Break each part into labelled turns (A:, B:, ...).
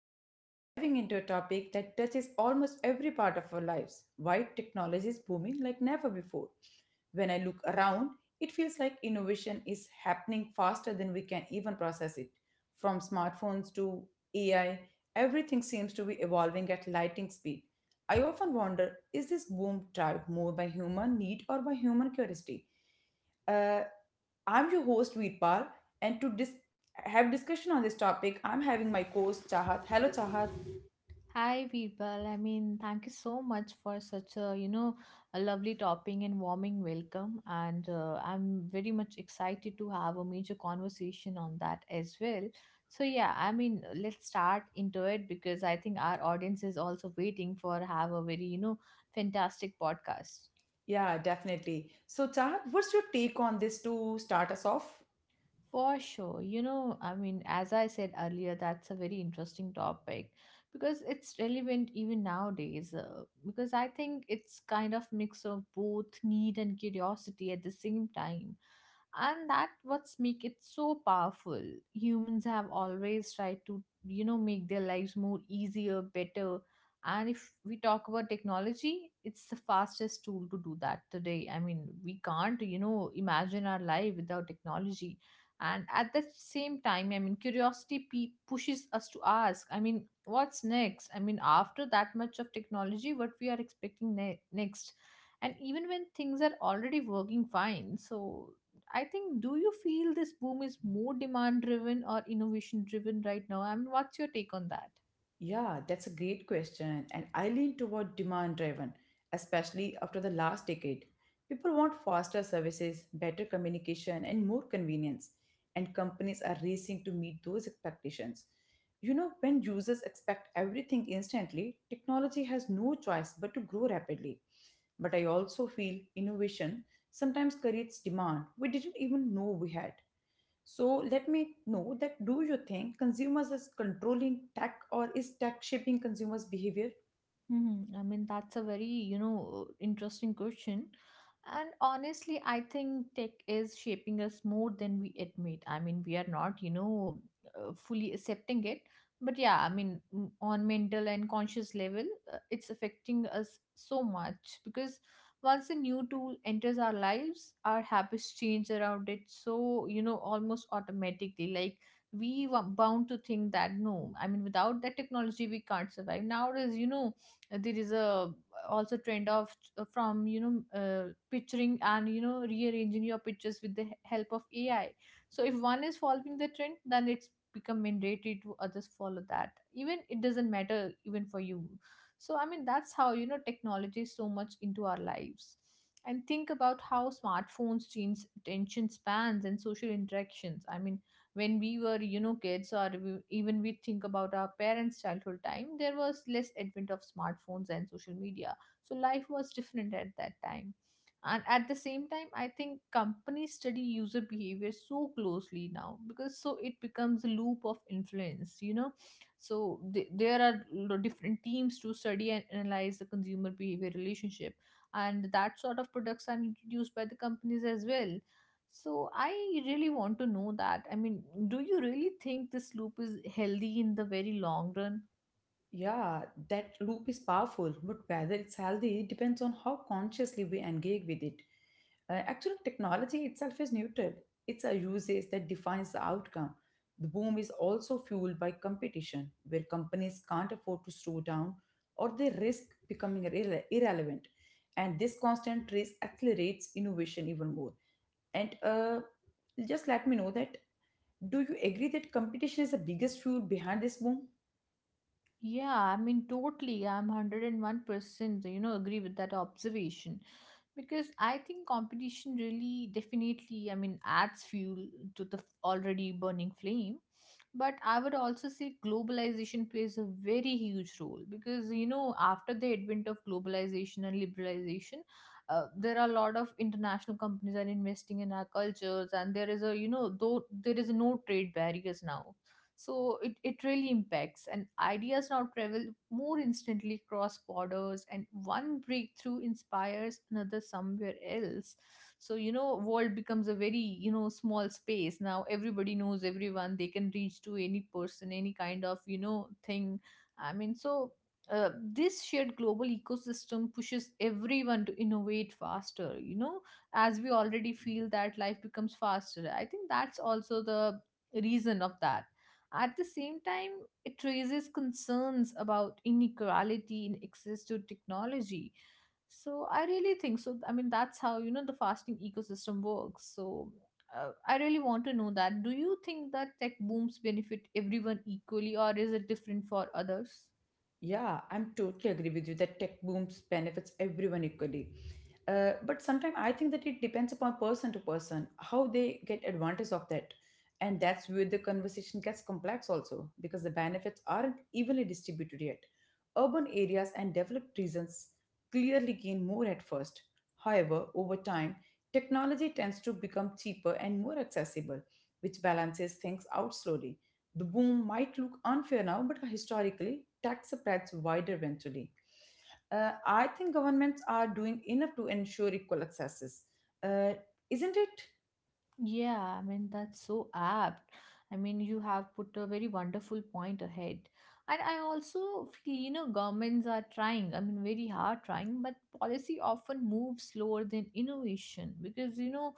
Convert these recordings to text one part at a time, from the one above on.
A: Today, we are diving into a topic that touches almost every part of our lives, why technology is booming like never before. When I look around, it feels like innovation is happening faster than we can even process it. From smartphones to AI, everything seems to be evolving at lightning speed. I often wonder, is this boom drive more by human need or by human curiosity? Uh, I'm your host Veerpal, and have discussion on this topic, I'm having my co-host Chahat. Hello, Chahat.
B: Hi, Veerbal. I mean, thank you so much for such a, a lovely topping and warming welcome. And I'm very much excited to have a major conversation on that as well. So, yeah, I mean, let's start into it because I think our audience is also waiting for have a very, fantastic podcast.
A: Yeah, definitely. So, Chahat, what's your take on this to start us off?
B: For sure. I mean, as I said earlier, that's a very interesting topic because it's relevant even nowadays. Because I think it's kind of mix of both need and curiosity at the same time and that what's make it so powerful. Humans have always tried to make their lives more easier better. And if we talk about technology, it's the fastest tool to do that today. I mean, we can't, imagine our life without technology. And at the same time, I mean, curiosity pushes us to ask, I mean, what's next. I mean, after that much of technology what we are expecting next, and even when things are already working fine. So I think, do you feel this boom is more demand driven or innovation driven right now? I mean, what's your take on that?
A: Yeah, that's a great question, and I lean toward demand-driven, especially after the last decade. People want faster services, better communication, and more convenience, and companies are racing to meet those expectations. You know, when users expect everything instantly, technology has no choice but to grow rapidly. But I also feel innovation sometimes creates demand we didn't even know we had. So let me know that, do you think consumers is controlling tech or is tech shaping consumers' behavior?
B: Mm-hmm. I mean, that's a very, interesting question. And honestly, I think tech is shaping us more than we admit. I mean, we are not, fully accepting it. But yeah, I mean, on mental and conscious level, it's affecting us so much because once a new tool enters our lives, our habits change around it. So, almost automatically, like we were bound to think that no, I mean, without that technology, we can't survive. Nowadays, there is a also trend of, from picturing and rearranging your pictures with the help of AI. So if one is following the trend then it's become mandatory to others follow that, even it doesn't matter even for you. So I mean, that's how, technology is so much into our lives. And think about how smartphones change attention spans and social interactions. I mean, when we were, kids, or even we think about our parents childhood time, there was less advent of smartphones and social media. So life was different at that time. And at the same time, I think companies study user behavior so closely now, because so it becomes a loop of influence, so there are different teams to study and analyze the consumer behavior relationship. And that sort of products are introduced by the companies as well. So I really want to know that. I mean, do you really think this loop is healthy in the very long run?
A: Yeah, that loop is powerful, but whether it's healthy depends on how consciously we engage with it. Actually, technology itself is neutral, it's our usage that defines the outcome. The boom is also fueled by competition, where companies can't afford to slow down or they risk becoming irrelevant. And this constant race accelerates innovation even more. And just let me know that, do you agree that competition is the biggest fuel behind this boom?
B: Yeah, I mean, totally. I'm 101%, agree with that observation. Because I think competition really definitely, I mean, adds fuel to the already burning flame. But I would also say globalization plays a very huge role because, after the advent of globalization and liberalization, there are a lot of international companies are investing in our cultures, and there is a, though there is no trade barriers now. So it really impacts, and ideas now travel more instantly across borders, and one breakthrough inspires another somewhere else. So, world becomes a very, small space now. Everybody knows everyone, they can reach to any person, any kind of, thing. I mean, so, this shared global ecosystem pushes everyone to innovate faster, as we already feel that life becomes faster. I think that's also the reason of that. At the same time, it raises concerns about inequality in access to technology. So I really think so. I mean, that's how, the fasting ecosystem works. So, I really want to know that. Do you think that tech booms benefit everyone equally, or is it different for others?
A: Yeah, I'm totally agree with you that tech booms benefits everyone equally. But sometimes I think that it depends upon person to person how they get advantage of that. And that's where the conversation gets complex also because the benefits aren't evenly distributed yet. Urban areas and developed regions clearly gain more at first. However, over time, technology tends to become cheaper and more accessible, which balances things out slowly. The boom might look unfair now, but historically, tax spreads wider than today. I think governments are doing enough to ensure equal accesses, uh, isn't it?
B: Yeah, I mean, that's so apt. I mean, you have put a very wonderful point ahead. And I also feel, governments are trying, I mean, very hard trying, but policy often moves slower than innovation because,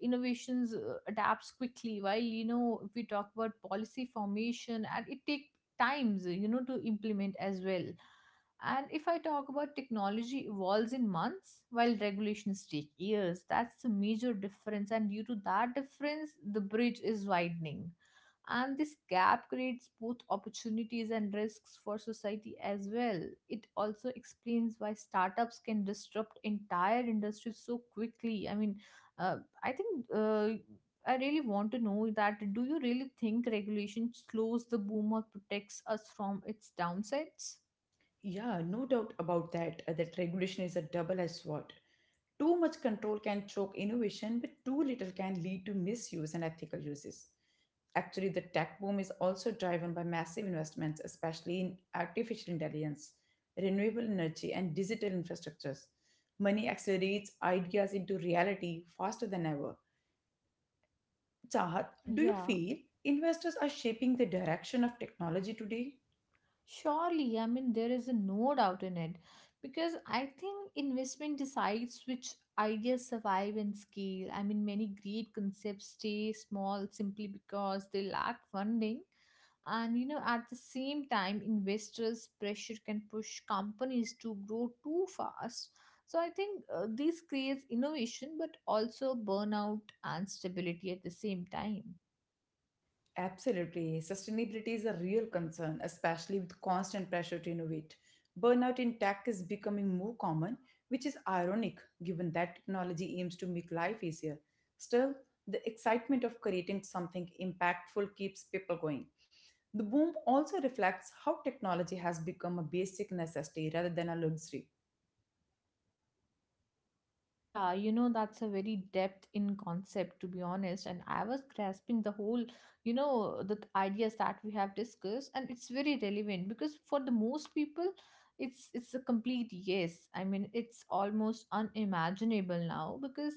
B: innovations adapts quickly, while, if we talk about policy formation and it takes times, to implement as well. And if I talk about technology evolves in months while regulations take years, that's the major difference. And due to that difference, the bridge is widening. And this gap creates both opportunities and risks for society as well. It also explains why startups can disrupt entire industries so quickly. I mean, I think, I really want to know that. Do you really think regulation slows the boom or protects us from its downsides?
A: Yeah, no doubt about that. That regulation is a double-edged sword. Too much control can choke innovation, but too little can lead to misuse and ethical uses. Actually, the tech boom is also driven by massive investments, especially in artificial intelligence, renewable energy, and digital infrastructures. Money accelerates ideas into reality faster than ever. Chahat, do you
B: Yeah.
A: feel investors are shaping the direction of technology today?
B: Surely, I mean, there is no doubt in it because I think investment decides which ideas survive and scale. I mean, many great concepts stay small simply because they lack funding. And, at the same time, investors' pressure can push companies to grow too fast. So I think, this creates innovation but also burnout and stability at the same time.
A: Absolutely. Sustainability is a real concern, especially with constant pressure to innovate. Burnout in tech is becoming more common, which is ironic given that technology aims to make life easier. Still, the excitement of creating something impactful keeps people going. The boom also reflects how technology has become a basic necessity rather than a luxury.
B: Yeah, that's a very depth in concept, to be honest. And I was grasping the whole, the ideas that we have discussed, and it's very relevant because for the most people, it's a complete yes. I mean, it's almost unimaginable now because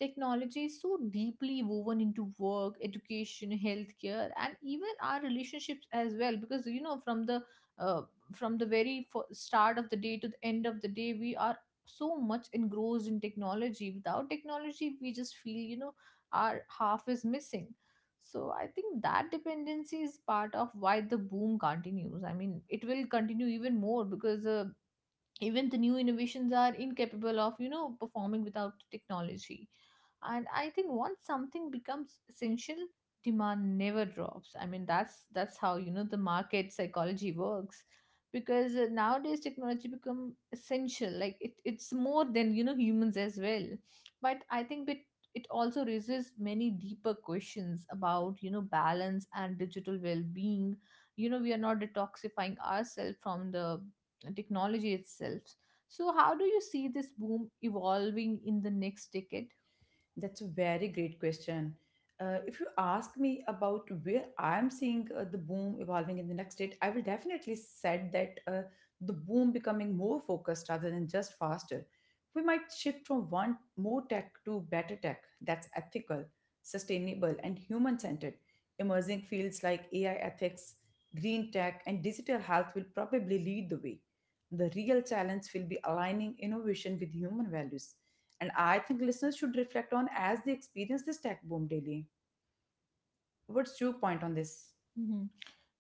B: technology is so deeply woven into work, education, healthcare, and even our relationships as well. Because, from the, uh, very start of the day to the end of the day, we are so much engrossed in technology. Without technology we just feel, our half is missing. So I think that dependency is part of why the boom continues. I mean, it will continue even more because the even the new innovations are incapable of, performing without technology. And I think once something becomes essential, demand never drops. I mean, that's how, the market psychology works, because, nowadays technology become essential, like it's more than, humans as well. But I think it also raises many deeper questions about, balance and digital well-being. We are not detoxifying ourselves from the technology itself. So, how do you see this boom evolving in the next decade?
A: That's a very great question. If you ask me about where I'm seeing the boom evolving in the next state, I will definitely said that the boom becoming more focused rather than just faster. We might shift from one more tech to better tech that's ethical, sustainable, and human centered. Emerging fields like AI ethics, green tech, and digital health will probably lead the way. The real challenge will be aligning innovation with human values, and I think listeners should reflect on as they experience this tech boom daily. What's your point on this?
B: Hmm.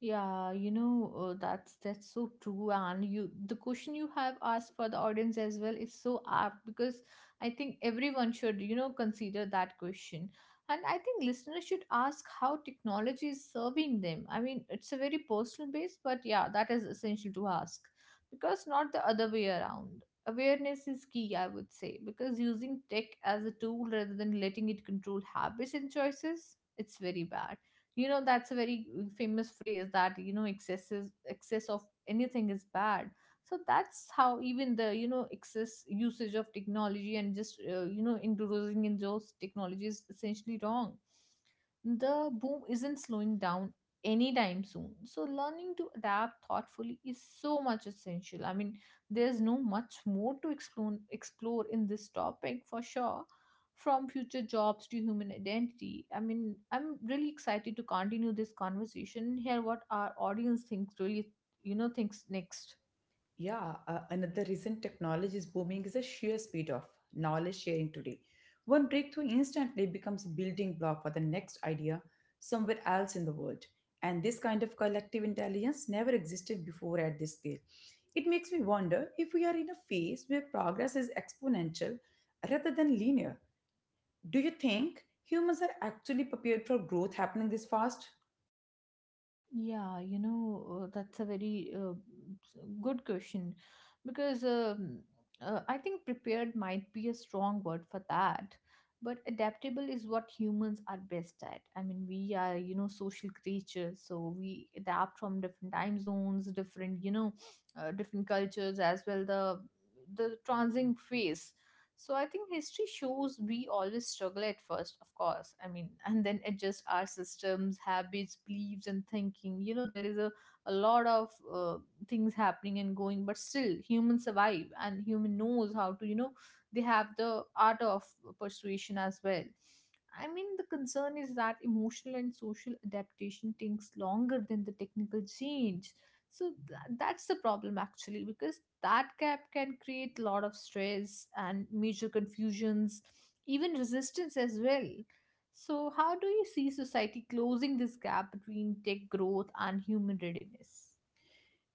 B: Yeah, that's so true. And you, the question you have asked for the audience as well is so apt, because I think everyone should, consider that question. And I think listeners should ask how technology is serving them. I mean, it's a very personal base, but yeah, that is essential to ask, because not the other way around. Awareness is key, I would say, because using tech as a tool rather than letting it control habits and choices, it's very bad. That's a very, famous phrase that, excess is excess of anything is bad. So that's how even the, excess usage of technology, and just, indulging in those technology is essentially wrong. The boom isn't slowing down anytime soon. So learning to adapt thoughtfully is so much essential. I mean, there's no much more to explore in this topic for sure, from future jobs to human identity. I mean, I'm really excited to continue this conversation, hear what our audience thinks really, thinks next.
A: Yeah, another reason technology is booming is the sheer speed of knowledge sharing today. One breakthrough instantly becomes a building block for the next idea somewhere else in the world. And this kind of collective intelligence never existed before at this scale. It makes me wonder if we are in a phase where progress is exponential rather than linear. Do you think humans are actually prepared for growth happening this fast?
B: Yeah, that's a very, good question, because I think prepared might be a strong word for that, but adaptable is what humans are best at. I mean, we are, social creatures, so we adapt from different time zones, different, different cultures as well. The transient phase. So I think history shows we always struggle at first, of course. I mean, and then adjust our systems, habits, beliefs, and thinking. There is a lot of, things happening and going, but still, humans survive, and human knows how to, they have the art of persuasion as well. I mean, the concern is that emotional and social adaptation takes longer than the technical change. So that's the problem actually, because that gap can create a lot of stress and major confusions, even resistance as well. So how do you see society closing this gap between tech growth and human readiness?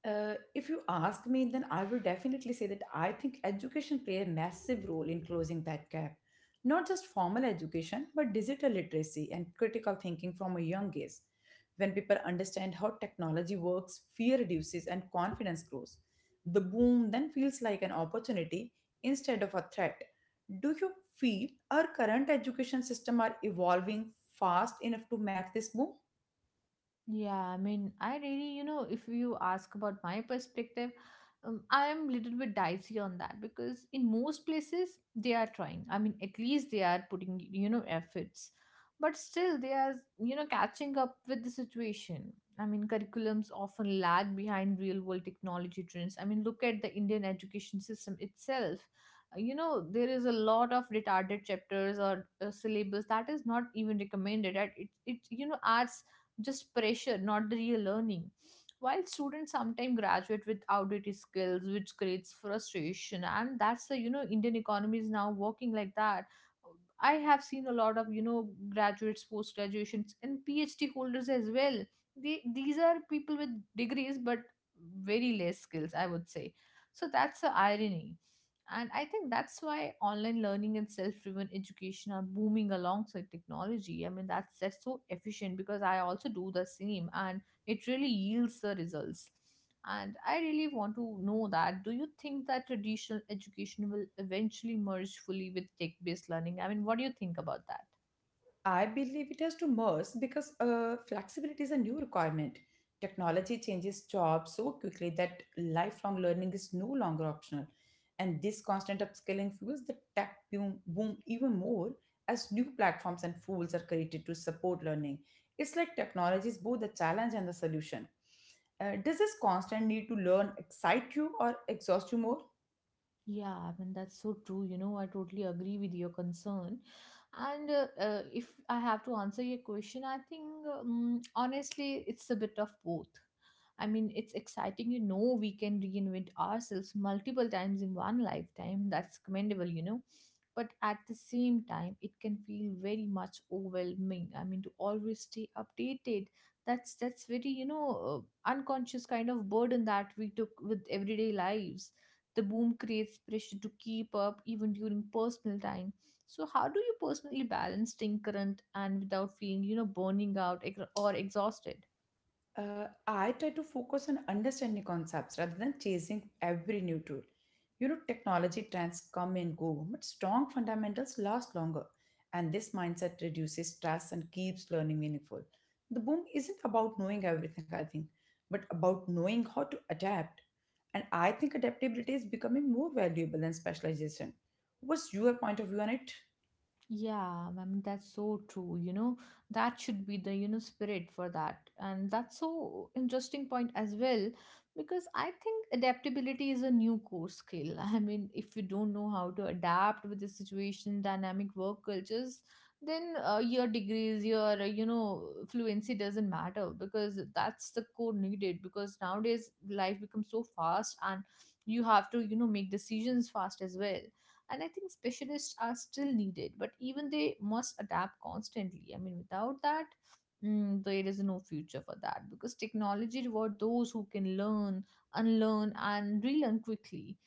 A: If you ask me, then I would definitely say that I think education play a massive role in closing that gap. Not just formal education, but digital literacy and critical thinking from a young age. When people understand how technology works, fear reduces and confidence grows. The boom then feels like an opportunity instead of a threat. Do you feel our current education system are evolving fast enough to match this boom?
B: Yeah, I mean, I really, if you ask about my perspective, I am a little bit dicey on that, because in most places they are trying. I mean, at least they are putting, efforts. But still, they are, catching up with the situation. I mean, curriculums often lag behind real world technology trends. I mean, look at the Indian education system itself. There is a lot of retarded chapters or syllabus that is not even recommended. And it adds just pressure, not the real learning. While students sometimes graduate with outdated skills, which creates frustration, and that's the Indian economy is now working like that. I have seen a lot of graduates, post graduations, and PhD holders as well. These are people with degrees but very less skills, I would say. So that's the irony, and I think that's why online learning and self driven education are booming alongside technology. I mean, that's so efficient because I also do the same, and it really yields the results. And I really want to know that do you think that traditional education will eventually merge fully with tech based learning? I mean, what do you think about that?
A: I believe it has to merge because flexibility is a new requirement. Technology changes jobs so quickly that lifelong learning is no longer optional. And this constant upskilling fuels the tech boom even more as new platforms and tools are created to support learning. It's like technology is both the challenge and the solution. Does this constant need to learn excite you or exhaust you more?
B: Yeah, I mean, that's so true. You know, I totally agree with your concern. And if I have to answer your question, I think honestly, it's a bit of both. I mean, it's exciting. You know, we can reinvent ourselves multiple times in one lifetime. That's commendable, you know. But at the same time, it can feel very much overwhelming. I mean, to always stay updated, that's very you know unconscious kind of burden that we took with everyday lives. The boom creates pressure to keep up even during personal time. So how do you personally balance staying current and without feeling, burning out ex- or exhausted?
A: I try to focus on understanding concepts rather than chasing every new tool. You know, technology trends come and go, but strong fundamentals last longer, and this mindset reduces stress and keeps learning meaningful. The boom isn't about knowing everything, I think, but about knowing how to adapt. And I think adaptability is becoming more valuable than specialization. What's your point of view on it?
B: Yeah, I mean that's so true. You know, that should be the, you know, spirit for that. And that's so interesting point as well, because I think adaptability is a new core skill. I mean, if you don't know how to adapt with the situation, dynamic work cultures, then your degrees, your, you know, fluency doesn't matter because that's the core needed. Because nowadays life becomes so fast and you have to, you know, make decisions fast as well. And I think specialists are still needed but even they must adapt constantly. I mean without that there is no future for that because technology rewards those who can learn, unlearn and relearn quickly,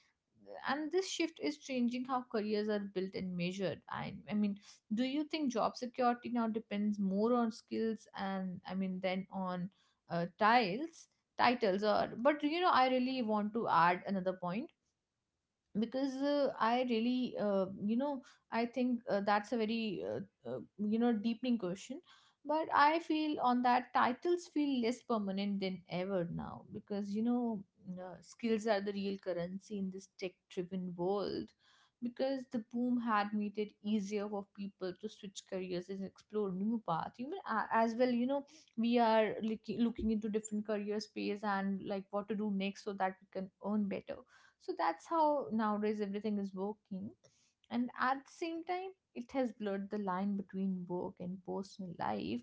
B: and this shift is changing how careers are built and measured. I mean do you think job security now depends more on skills and I mean than on tiles titles, or but you know I really want to add another point because I really you know I think that's a very you know deepening question, but I feel on that titles feel less permanent than ever now because you know skills are the real currency in this tech driven world, because the boom had made it easier for people to switch careers and explore new paths as well. You know, we are looking into different career space and like what to do next so that we can earn better. So that's how nowadays everything is working, and at the same time it has blurred the line between work and personal life.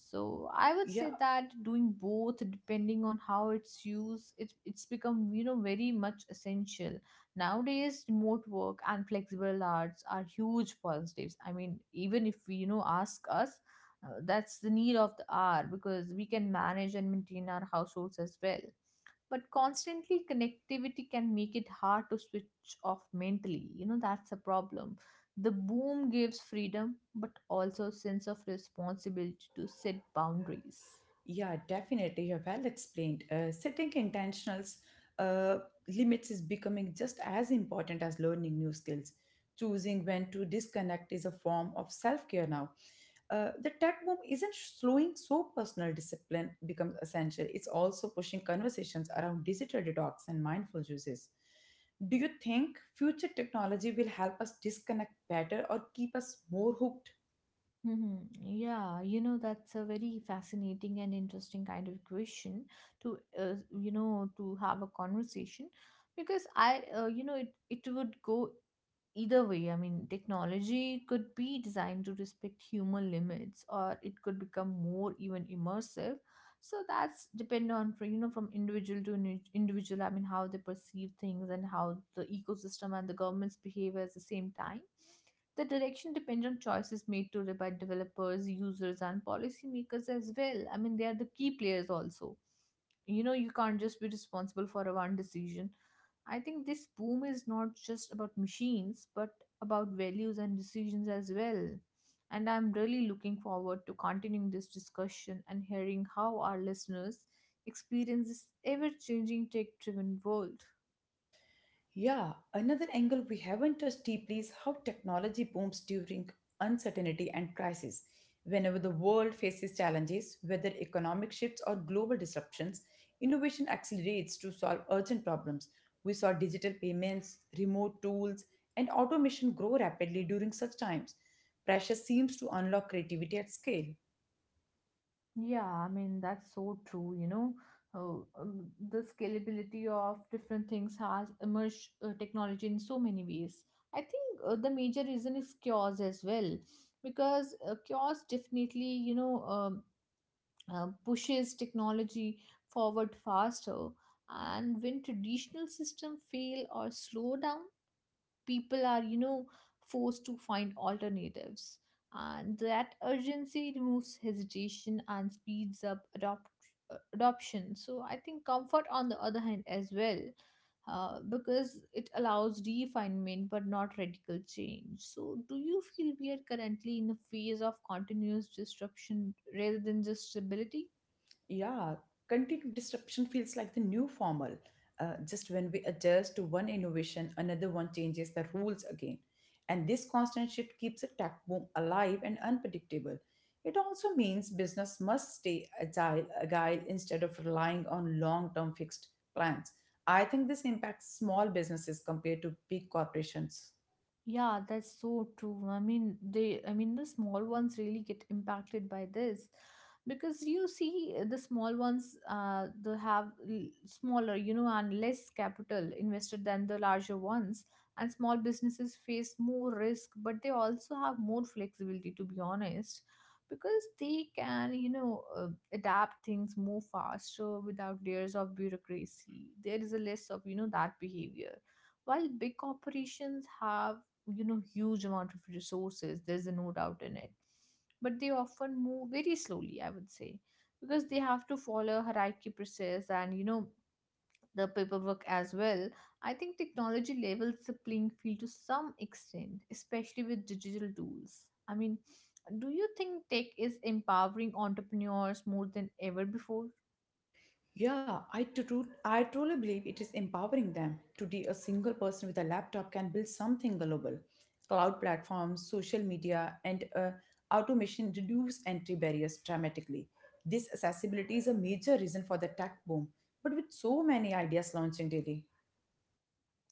B: So I would say
A: Yeah.
B: that doing both depending on how it's used it's become you know very much essential. Nowadays remote work and flexible hours are huge positives. I mean even if we you know ask us, that's the need of the hour because we can manage and maintain our households as well. But constantly connectivity can make it hard to switch off mentally, you know, that's a problem. The boom gives freedom but also a sense of responsibility to set boundaries.
A: Yeah, definitely. You're well explained. Setting intentionals uh, limits is becoming just as important as learning new skills. Choosing when to disconnect is a form of self care now. The tech boom isn't slowing, so personal discipline becomes essential. It's also pushing conversations around digital detox and mindful uses. Do you think future technology will help us disconnect better or keep us more hooked?
B: Hmm. Yeah, you know, that's a very fascinating and interesting kind of question to, you know, to have a conversation, because I, you know, it would go either way. I mean, technology could be designed to respect human limits, or it could become more even immersive. So that's depend on for you know from individual. I mean, how they perceive things and how the ecosystem and the governments behave at the same time. The direction depends on choices made today by developers, users, and policymakers as well. I mean, they are the key players also. You know, you can't just be responsible for a one decision. I think this boom is not just about machines, but about values and decisions as well. And I'm really looking forward to continuing this discussion and hearing how our listeners experience this ever changing tech driven world.
A: Yeah, another angle we haven't touched deeply is how technology booms during uncertainty and crisis. Whenever the world faces challenges, whether economic shifts or global disruptions, innovation accelerates to solve urgent problems. We saw digital payments, remote tools, and automation grow rapidly during such times. Pressure seems to unlock creativity at scale.
B: Yeah, I mean, that's so true, you know. The scalability of different things has emerged technology in so many ways. I think the major reason is chaos as well, because cures definitely, you know, pushes technology forward faster. And when traditional system fail or slow down, people are you know forced to find alternatives, and that urgency removes hesitation and speeds up adoption. So I think comfort on the other hand as well, because it allows refinement but not radical change. So, do you feel we are currently in a phase of continuous disruption rather than just stability?
A: Yeah, continued disruption feels like the new formal. Just when we adjust to one innovation, another one changes the rules again. And this constant shift keeps a tech boom alive and unpredictable. It also means business must stay agile instead of relying on long term fixed plans. I think this impacts small businesses compared to big corporations.
B: Yeah, that's so true. I mean, the small ones really get impacted by this because you see the small ones, they have smaller, you know, and less capital invested than the larger ones. And small businesses face more risk, but they also have more flexibility, to be honest, because they can, adapt things more faster without layers of bureaucracy. There is a less of, you know, that behavior, while big corporations have you know huge amount of resources, there's no doubt in it. But they often move very slowly I would say, because they have to follow a hierarchy process and you know the paperwork as well. I think technology levels the playing field to some extent especially with digital tools. I mean do you think tech is empowering entrepreneurs more than ever before?
A: Yeah, I truly believe it is empowering them. Today, a single person with a laptop can build something global. Cloud platforms, social media, and automation reduce entry barriers dramatically. This accessibility is a major reason for the tech boom, but with so many ideas launching daily.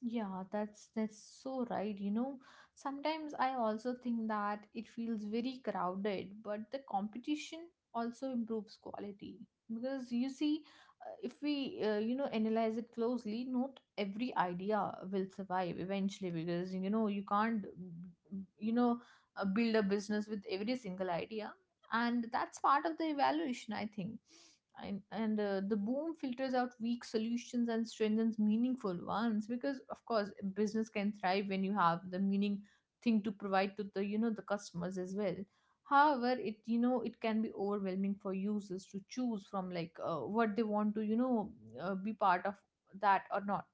B: Yeah, that's so right. You know, sometimes I also think that it feels very crowded, but the competition also improves quality, because you see, if we you know analyze it closely, not every idea will survive eventually because you know you can't you know build a business with every single idea, and that's part of the evaluation, I think. And the boom filters out weak solutions and strengthens meaningful ones, because of course business can thrive when you have the meaning thing to provide to the you know the customers as well. However it you know it can be overwhelming for users to choose from like what they want to be part of that or not.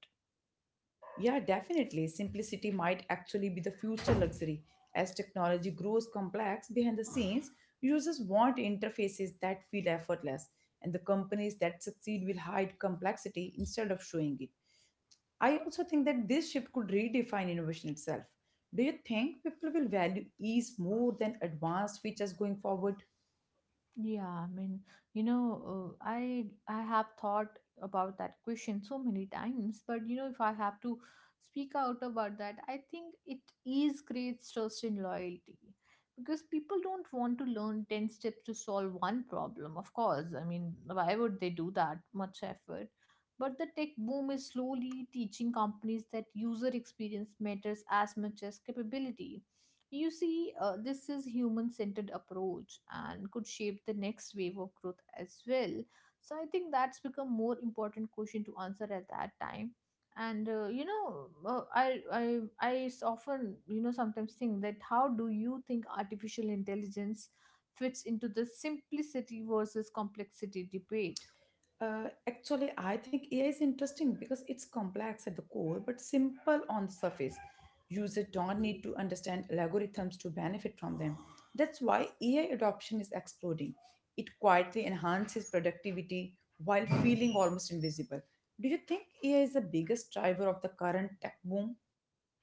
A: Yeah, definitely. Simplicity might actually be the future luxury. As technology grows complex behind the scenes, users want interfaces that feel effortless, and the companies that succeed will hide complexity instead of showing it. I also think that this shift could redefine innovation itself. Do you think people will value ease more than advanced features going forward?
B: Yeah, I mean, you know, I have thought about that question so many times, but you know, if I have to speak out about that, I think it is creates trust and loyalty because people don't want to learn 10 steps to solve one problem. Of course, I mean, why would they do that much effort? But the tech boom is slowly teaching companies that user experience matters as much as capability. You see, this is human-centered approach and could shape the next wave of growth as well. So I think that's become more important question to answer at that time. And often you know sometimes think that how do you think artificial intelligence fits into the simplicity versus complexity debate?
A: Actually, I think AI is interesting because it's complex at the core but simple on the surface. Users don't need to understand algorithms to benefit from them. That's why AI adoption is exploding. It quietly enhances productivity while feeling almost invisible. Do you think AI is the biggest driver of the current tech boom?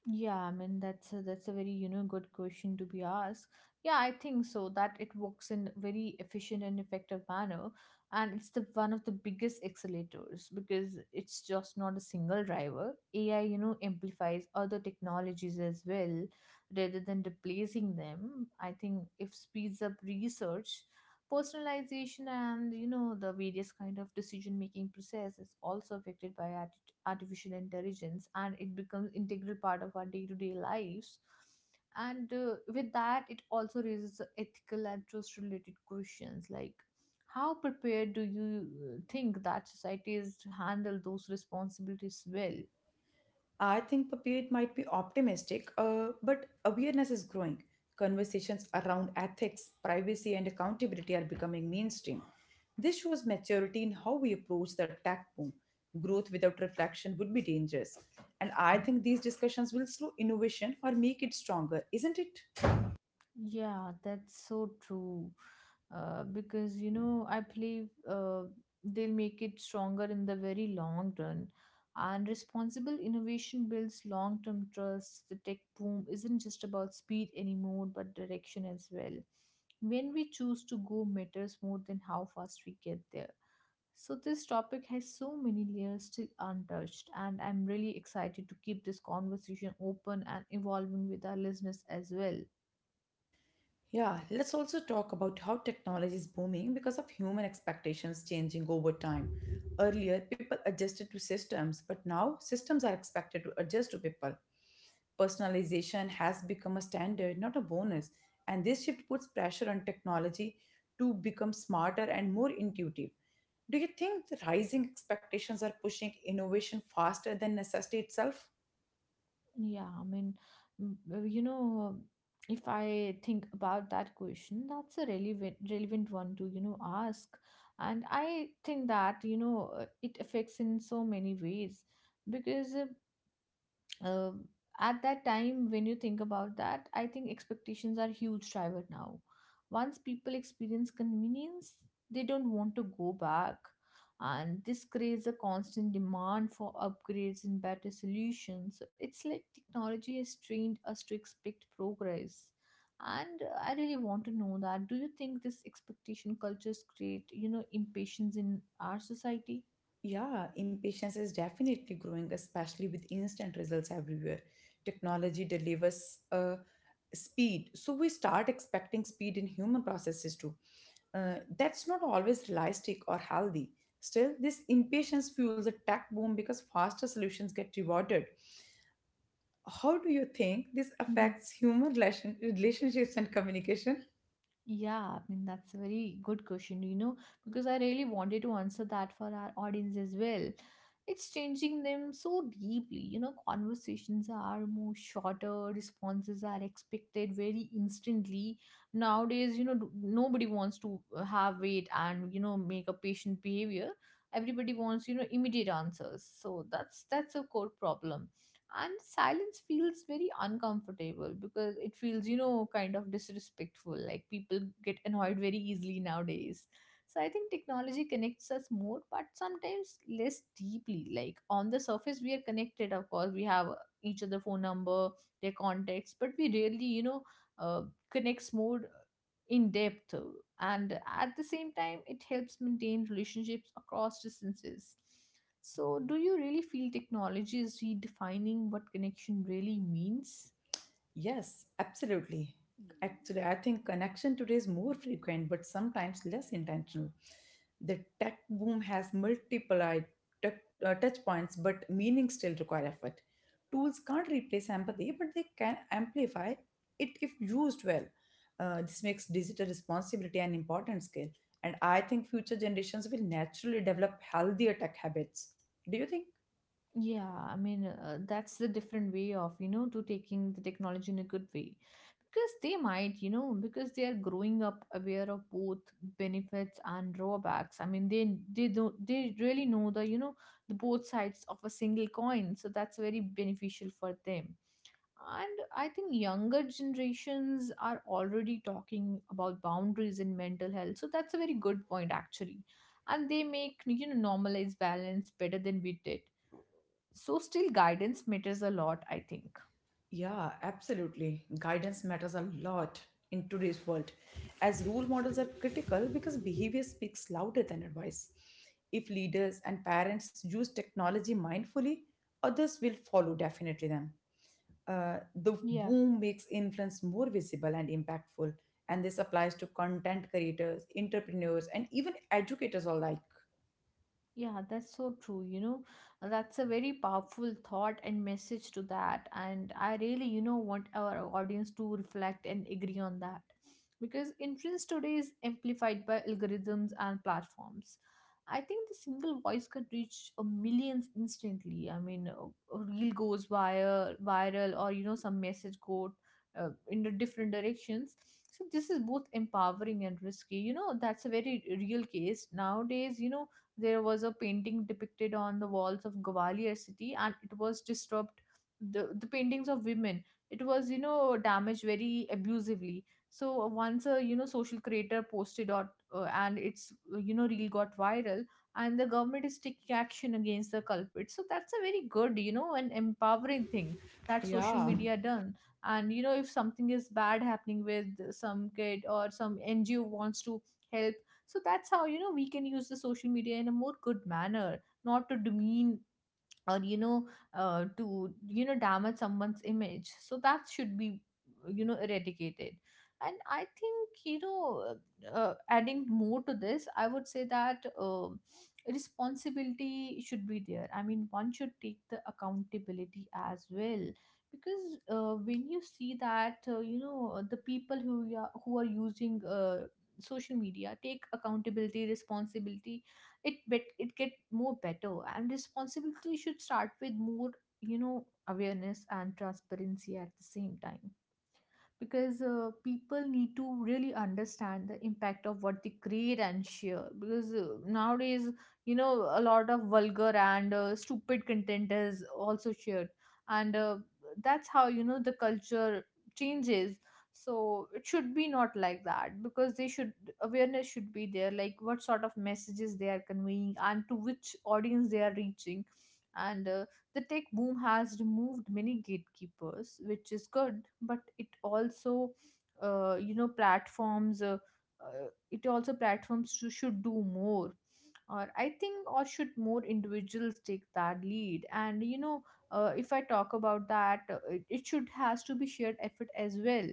B: Yeah, I mean that's a very you know good question to be asked. Yeah, I think so that it works in very efficient and effective manner, and it's the one of the biggest accelerators because it's just not a single driver. AI you know amplifies other technologies as well rather than replacing them. I think if speeds up research, personalization and you know the various kind of decision making process is also affected by artificial intelligence, and it becomes integral part of our day-to-day lives. And with that it also raises ethical and trust related questions like how prepared do you think that society is to handle those responsibilities well?
A: I think Papit might be optimistic, but awareness is growing. Conversations around ethics, privacy, and accountability are becoming mainstream. This shows maturity in how we approach the tech boom. Growth without reflection would be dangerous. And I think these discussions will slow innovation or make it stronger, isn't it?
B: Yeah, that's so true. Because, you know, I believe they'll make it stronger in the very long run. And responsible innovation builds long term trust. The tech boom isn't just about speed anymore, but direction as well. When we choose to go matters more than how fast we get there. So, this topic has so many layers still untouched, and I'm really excited to keep this conversation open and evolving with our listeners as well.
A: Yeah, let's also talk about how technology is booming because of human expectations changing over time. Earlier, people adjusted to systems, but now systems are expected to adjust to people. Personalization has become a standard, not a bonus, and this shift puts pressure on technology to become smarter and more intuitive. Do you think the rising expectations are pushing innovation faster than necessity itself?
B: Yeah, I mean, you know, if I think about that question, that's a relevant one to, you know, ask. And I think that, you know, it affects in so many ways because um, at that time when you think about that, I think expectations are huge driver now. Once people experience convenience, they don't want to go back, and this creates a constant demand for upgrades and better solutions. So it's like technology has trained us to expect progress. And I really want to know that, do you think this expectation cultures create, you know, impatience in our society?
A: Yeah, impatience is definitely growing, especially with instant results everywhere. Technology delivers speed, so we start expecting speed in human processes too. That's not always realistic or healthy. Still, this impatience fuels a tech boom because faster solutions get rewarded. How do you think this
B: Mm-hmm.
A: affects human relationships and communication?
B: Yeah, I mean, that's a very good question, you know, because I really wanted to answer that for our audience as well. It's changing them so deeply, you know, conversations are more shorter, responses are expected very instantly. Nowadays, you know, nobody wants to have wait and, you know, make a patient behavior. Everybody wants, you know, immediate answers. So that's a core problem, and silence feels very uncomfortable because it feels, you know, kind of disrespectful, like people get annoyed very easily nowadays. So I think technology connects us more but sometimes less deeply, like on the surface we are connected, of course, we have each other phone number, their contacts, but we rarely, you know, uh, connects more in depth. And at the same time, it helps maintain relationships across distances. So, do you really feel technology is redefining what connection really means?
A: Yes, absolutely. Actually, I think connection today is more frequent, but sometimes less intentional. The tech boom has multiple touch points, but meaning still require effort. Tools can't replace empathy, but they can amplify it if used well. This makes digital responsibility an important skill, and I think future generations will naturally develop healthier tech habits. Do you think?
B: Yeah, I mean, that's the different way of, you know, to taking the technology in a good way. Because they might, you know, because they are growing up aware of both benefits and drawbacks. I mean, they don't they really know the, you know, the both sides of a single coin. So that's very beneficial for them. And I think younger generations are already talking about boundaries in mental health. So that's a very good point, actually. And they make, you know, normalize balance better than we did. So still, guidance matters a lot, I think.
A: Yeah, absolutely. Guidance matters a lot in today's world, as role models are critical because behavior speaks louder than advice. If leaders and parents use technology mindfully, others will follow definitely them. The
B: Yeah.
A: boom makes influence more visible and impactful, and this applies to content creators, entrepreneurs, and even educators alike.
B: Yeah, that's so true. You know, that's a very powerful thought and message to that. And I really, you know, want our audience to reflect and agree on that. Because influence today is amplified by algorithms and platforms. I think the single voice could reach a millions instantly. I mean, a reel goes via viral, or you know, some message go in the different directions. So this is both empowering and risky. You know, that's a very real case nowadays. You know, there was a painting depicted on the walls of Gwalior city, and it was disturbed. The paintings of women, it was, you know, damaged very abusively. So once a, you know, social creator posted on and its you know, reel got viral, and the government is taking action against the culprit. So that's a very good, you know, and empowering thing that social
A: Yeah.
B: media done. And you know, if something is bad happening with some kid or some NGO wants to help, so that's how you know we can use the social media in a more good manner, not to demean or, you know, to, you know, damage someone's image. So that should be, you know, eradicated. And I think, you know, adding more to this, I would say that responsibility should be there. I mean, one should take the accountability as well. Because when you see that, you know, the people who are using social media take accountability responsibility, it get more better. And responsibility should start with more, you know, awareness and transparency at the same time. Because people need to really understand the impact of what they create and share. Because nowadays, you know, a lot of vulgar and stupid content is also shared. And that's how, you know, the culture changes. So it should be not like that, because they should awareness should be there, like what sort of messages they are conveying and to which audience they are reaching. And the tech boom has removed many gatekeepers, which is good, but it also, you know, platforms, it also platforms should do more. Or I think, or should more individuals take that lead? And you know, if I talk about that, it should has to be shared effort as well.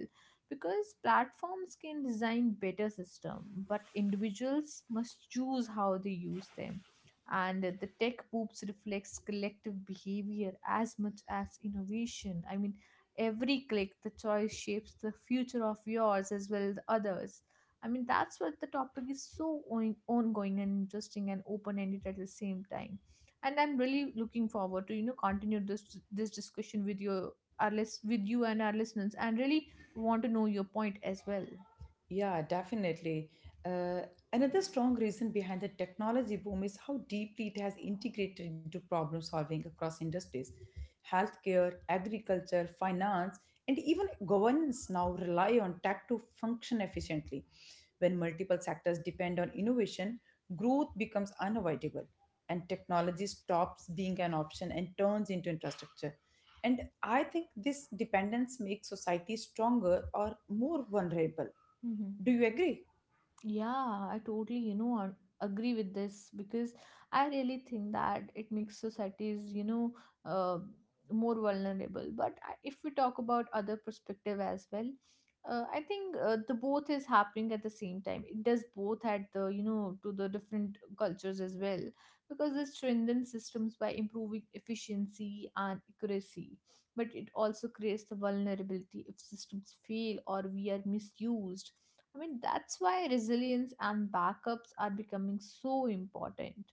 B: Because platforms can design better system, but individuals must choose how they use them. And the tech boops reflects collective behavior as much as innovation. I mean, every click, the choice shapes the future of yours as well as the others. I mean, that's what the topic is, so ongoing and interesting and open-ended at the same time. And I'm really looking forward to, you know, continue this discussion with you and our listeners, and really want to know your point as well.
A: Yeah, definitely. Uh, Another strong reason behind the technology boom is how deeply it has integrated into problem solving across industries. Healthcare, agriculture, finance, and even governance now rely on tech to function efficiently. When multiple sectors depend on innovation, growth becomes unavoidable, and technology stops being an option and turns into infrastructure. And I think this dependence makes society stronger or more vulnerable,
B: Hmm.
A: do you agree?
B: Yeah, I totally, you know, agree with this because I really think that it makes societies, you know, uh, more vulnerable. But if we talk about other perspective as well, I think the both is happening at the same time. It does both you know, to the different cultures as well, because it strengthens systems by improving efficiency and accuracy. But it also creates the vulnerability if systems fail or we are misused. I mean, that's why resilience and backups are becoming so important.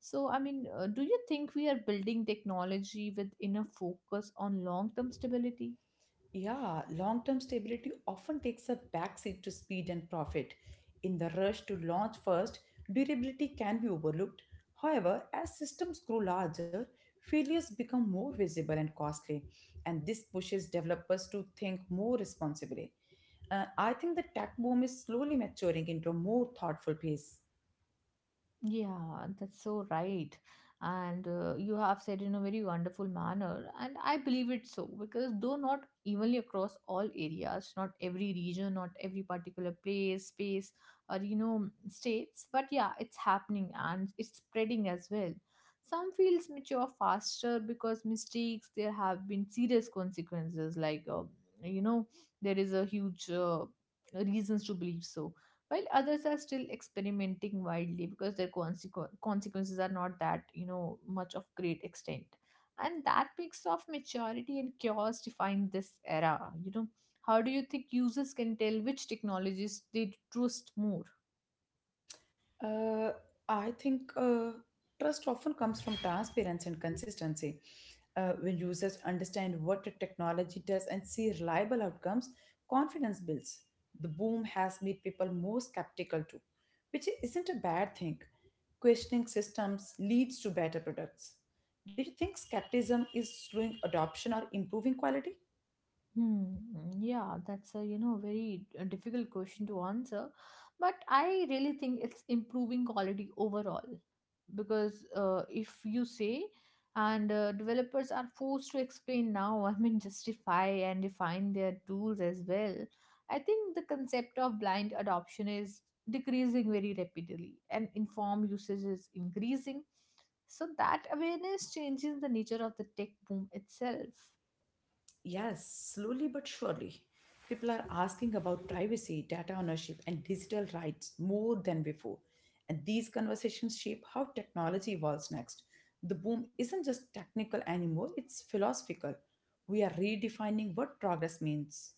B: So, I mean, do you think we are building technology with enough focus on long term stability?
A: Yeah, long term stability often takes a backseat to speed and profit. In the rush to launch first, durability can be overlooked. However, as systems grow larger, failures become more visible and costly, and this pushes developers to think more responsibly. I think the tech boom is slowly maturing into a more thoughtful pace.
B: Yeah, that's so right. And you have said in a very wonderful manner, and I believe it so because though not evenly across all areas, not every region, not every particular place, space, or you know, states, but yeah, it's happening and it's spreading as well. Some fields mature faster because mistakes, there have been serious consequences, like you know, there is a huge reasons to believe so, while others are still experimenting wildly because their consequences are not that, you know, much of great extent. And that mix of maturity and chaos define this era, you know. How do you think users can tell which technologies they trust more?
A: Uh, I think trust often comes from transparency and consistency. When users understand what the technology does and see reliable outcomes, confidence builds. The boom has made people more skeptical too, which isn't a bad thing. Questioning systems leads to better products. Do you think skepticism is slowing adoption or improving quality?
B: Hmm. Yeah, that's a, you know, very difficult question to answer, but I really think it's improving quality overall. Because if you say and developers are forced to explain now, I mean justify and define their tools as well. I think the concept of blind adoption is decreasing very rapidly, and informed usage is increasing. So that awareness changes the nature of the tech boom itself.
A: Yes, slowly but surely. People are asking about privacy, data ownership, and digital rights more than before. And these conversations shape how technology evolves next. The boom isn't just technical anymore, it's philosophical. We are redefining what progress means.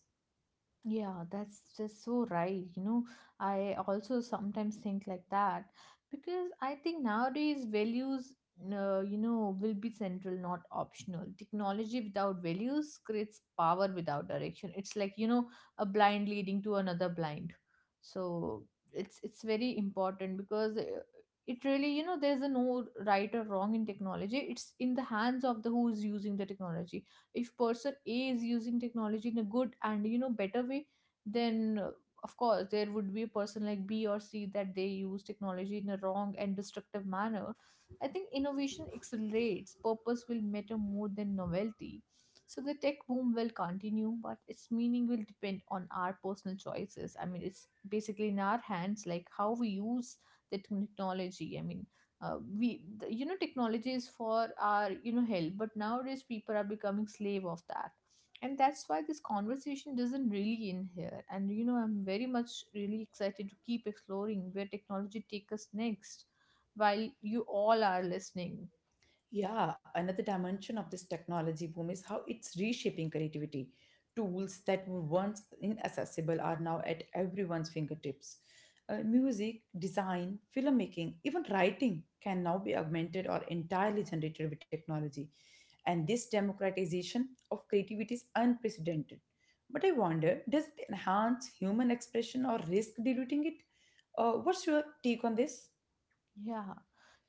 B: Yeah, that's just so right. You know, I also sometimes think like that because I think nowadays values, you know, will be central, not optional. Technology without values creates power without direction. It's like, you know, a blind leading to another blind. So it's very important because it really, you know, there's a no right or wrong in technology. It's in the hands of the who's using the technology. If person a is using technology in a good and, you know, better way, then of course there would be a person like b or c that they use technology in a wrong and destructive manner. I think innovation accelerates purpose will matter more than novelty. So the tech boom will continue, but its meaning will depend on our personal choices. I mean, it's basically in our hands, like how we use the technology. I mean, we the, you know, technology is for our, you know, help, but nowadays people are becoming slave of that. And that's why this conversation doesn't really end here, and you know, I'm very much really excited to keep exploring where technology take us next while you all are listening.
A: Yeah, another dimension of this technology boom is how it's reshaping creativity. Tools that were once inaccessible are now at everyone's fingertips. Music, design, filmmaking, even writing can now be augmented or entirely generated with technology. And this democratization of creativity is unprecedented. But I wonder, does it enhance human expression or risk diluting it? What's your take on this?
B: Yeah,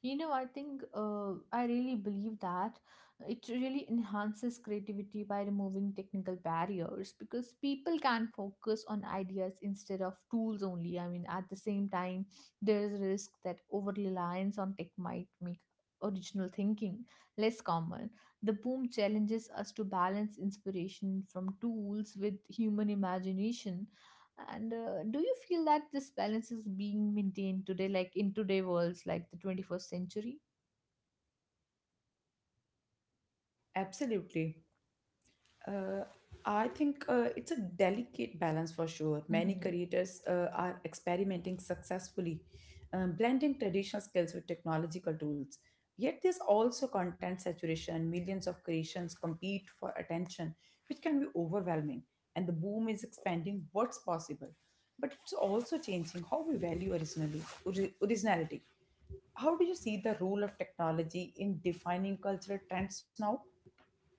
B: you know, I think I really believe that it really enhances creativity by removing technical barriers because people can focus on ideas instead of tools only. I mean, at the same time, there is a risk that over reliance on tech might make original thinking less common. The boom challenges us to balance inspiration from tools with human imagination. And do you feel that this balance is being maintained today, like in today worlds, like the 21st century?
A: Absolutely. Uh, I think it's a delicate balance for sure. Many creators are experimenting successfully, blending traditional skills with technological tools. Yet there's also content saturation. Millions of creations compete for attention, which can be overwhelming. And the boom is expanding what's possible, but it's also changing how we value originality. How do you see the role of technology in defining cultural trends now?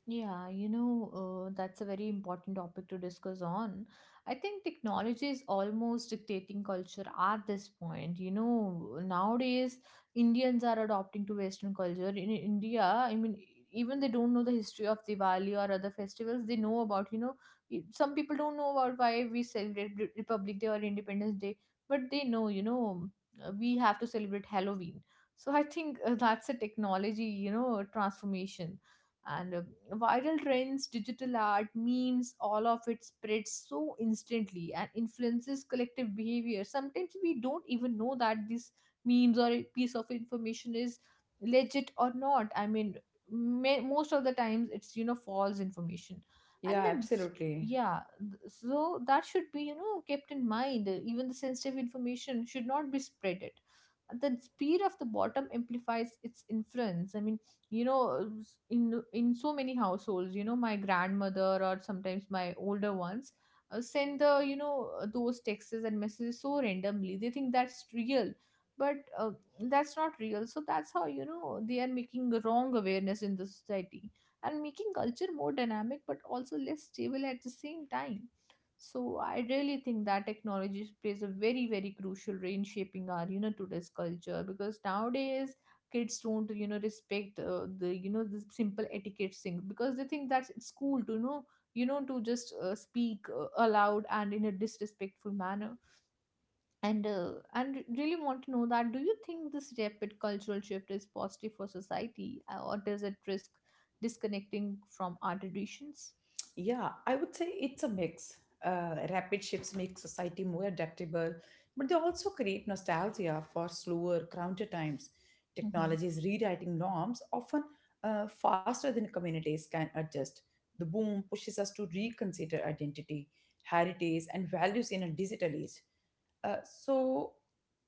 B: Yeah, you know, that's a very important topic to discuss on. I think technology is almost dictating culture at this point. You know, nowadays Indians are adopting to Western culture. In India, I mean, even they don't know the history of Diwali or other festivals. They know about, you know, some people don't know about why we celebrate Republic Day or Independence Day, but they know, you know, we have to celebrate Halloween. So I think that's a technology, transformation and viral trends, digital art, memes, all of it spreads so instantly and influences collective behavior. Sometimes we don't even know that this memes or a piece of information is legit or not. I mean, most of the times it's false information.
A: Yeah,
B: and then s-
A: absolutely.
B: yeah, so that should be kept in mind. Even the sensitive information should not be spread it. The speed of the bottom amplifies its influence. I mean, you know in so many households, you know, my grandmother or sometimes my older ones send the, those texts and messages so randomly. They think that's real, but that's not real. So that's how, you know, they are making wrong awareness in the society and making culture more dynamic but also less stable at the same time. So I really think that technology plays a very, very crucial role in shaping our, you know, today's culture, because nowadays kids don't, you know, respect the, you know, the simple etiquette thing, because they think that's it's cool to, you know, to just speak aloud and in a disrespectful manner. And really want to know that, do you think this rapid cultural shift is positive for society, or does it risk disconnecting from our traditions?
A: Yeah, I would say it's a mix. Rapid shifts make society more adaptable, but they also create nostalgia for slower, counter times.
B: Hmm.
A: Technology is rewriting norms often faster than communities can adjust. The boom pushes us to reconsider identity, heritage, and values in a digital age. So,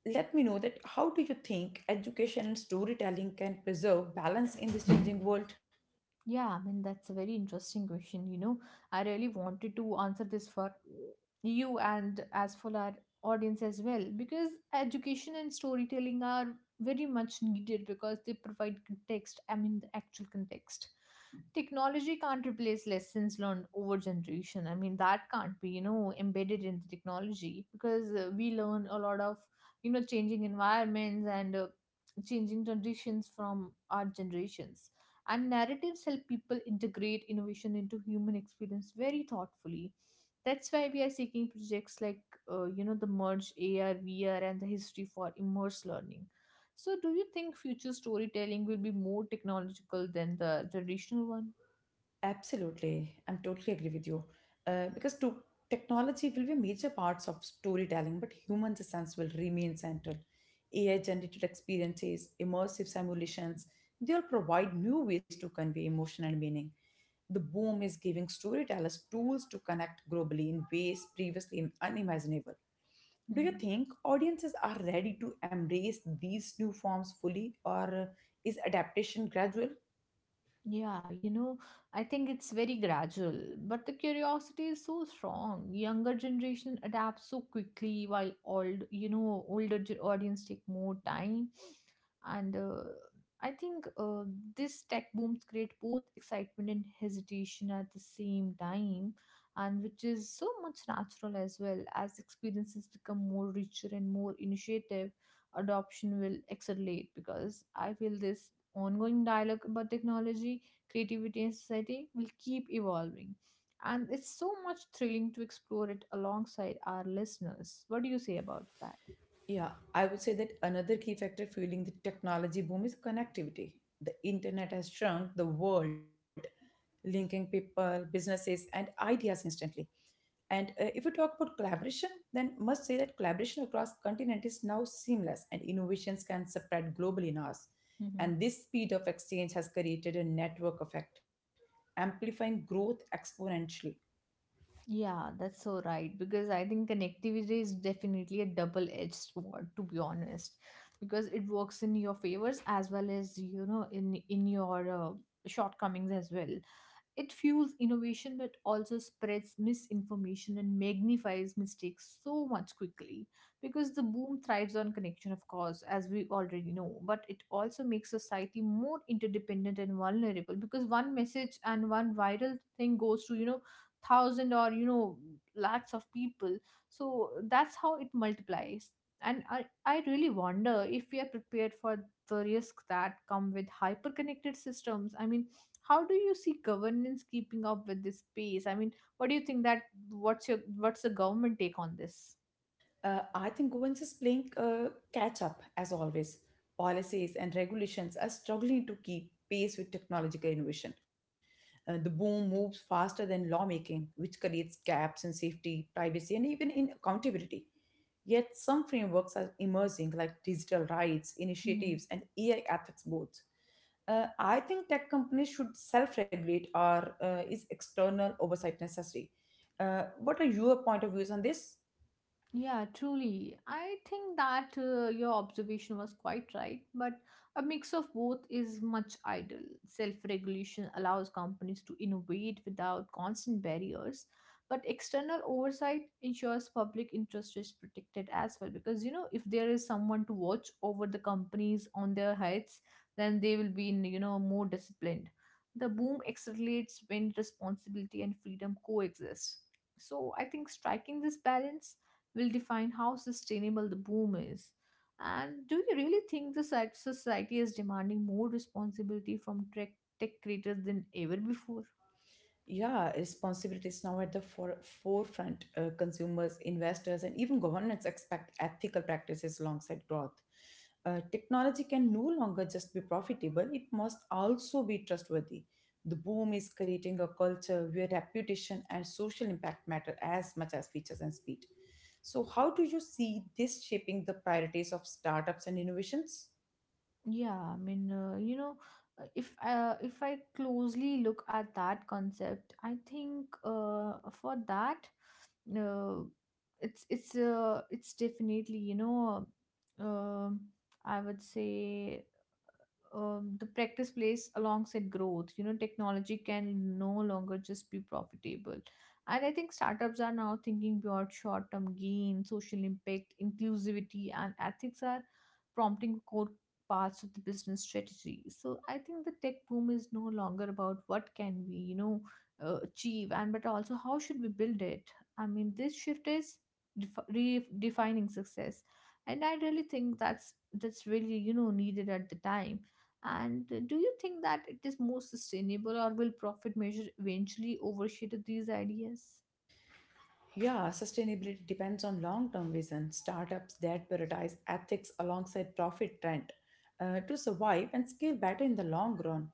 A: let me know that how do you think education and storytelling can preserve balance in this changing world?
B: Yeah, I mean, that's a very interesting question. You know, I really wanted to answer this for you and as for our audience as well, because education and storytelling are very much needed because they provide context. I mean, the actual context. Technology can't replace lessons learned over generation. I mean, that can't be, you know, embedded in the technology, because we learn a lot of, you know, changing environments and changing traditions from our generations, and narratives help people integrate innovation into human experience very thoughtfully. That's why we are seeking projects like, you know, the merge AR VR and the history for immersed learning. So do you think future storytelling will be more technological than the traditional one?
A: Absolutely, I'm totally agree with you. Because to technology will be major parts of storytelling, but human essence will remain central. AI generated experiences, immersive simulations, they'll provide new ways to convey emotion and meaning. The boom is giving storytellers tools to connect globally in ways previously unimaginable. Do you
B: Mhm.
A: think audiences are ready to embrace these new forms fully, or is adaptation gradual?
B: Yeah, you know, I think it's very gradual, but the curiosity is so strong. Younger generation adapts so quickly, while old, you know, audience take more time. And I think this tech booms create both excitement and hesitation at the same time, and which is so much natural as well. As experiences become more richer and more initiative, adoption will accelerate, because I feel this ongoing dialogue about technology, creativity, and society will keep evolving. And it's so much thrilling to explore it alongside our listeners. What do you say about that?
A: Yeah, I would say that another key factor fueling the technology boom is connectivity. The internet has shrunk the world, linking people, businesses, and ideas instantly. And if we talk about collaboration, then must say that collaboration across continent is now seamless, and innovations can spread globally now.
B: Mhm.
A: And this speed of exchange has created a network effect, amplifying growth exponentially.
B: Yeah, that's so right. Because I think connectivity is definitely a double edged sword, to be honest, because it works in your favors as well as, you know, in your shortcomings as well. It fuels innovation but also spreads misinformation and magnifies mistakes so much quickly, because the boom thrives on connection, of course, as we already know, but it also makes society more interdependent and vulnerable, because one message and one viral thing goes to, you know, thousand or, you know, lakhs of people. So that's how it multiplies, and I really wonder if we are prepared for the risks that come with hyper connected systems. I mean, how do you see governance keeping up with this pace? I mean, what do you think that what's the government take on this?
A: I think governments is playing catch up as always. Policies and regulations are struggling to keep pace with technological innovation. The boom moves faster than lawmaking, which creates gaps in safety, privacy, and even in accountability. Yet some frameworks are emerging, like digital rights initiatives and AI ethics boards. I think tech companies should self-regulate, or is external oversight necessary? What are your point of views on this?
B: Yeah, truly. I think that your observation was quite right, but a mix of both is much ideal. Self regulation allows companies to innovate without constant barriers, but external oversight ensures public interest is protected as well. Because, you know, if there is someone to watch over the companies on their heads, then they will be, you know, more disciplined. The boom accelerates when responsibility and freedom coexist. So I think striking this balance will define how sustainable the boom is. And do you really think the society is demanding more responsibility from tech creators than ever before?
A: Yeah, responsibility is now at the forefront. Consumers, investors, and even governments expect ethical practices alongside growth. Technology can no longer just be profitable, it must also be trustworthy. The boom is creating a culture where reputation and social impact matter as much as features and speed. So, how do you see this shaping the priorities of startups and innovations?
B: Yeah, I mean, you know, if I closely look at that concept, I think for that, uh, it's it's definitely, you know, um I would say, the practice plays alongside growth. You know, technology can no longer just be profitable. And I think startups are now thinking beyond short term gain. Social impact, inclusivity, and ethics are prompting core parts of the business strategy. So I think the tech boom is no longer about what can we, you know, achieve, and but also how should we build it. I mean, this shift is redefining success, and I really think that's really, you know, needed at the time. And Do you think that it is more sustainable, or will profit measure eventually overshadow these ideas?
A: Yeah, sustainability depends on long term vision. Startups that prioritize ethics alongside profit trend to survive and scale better in the long run.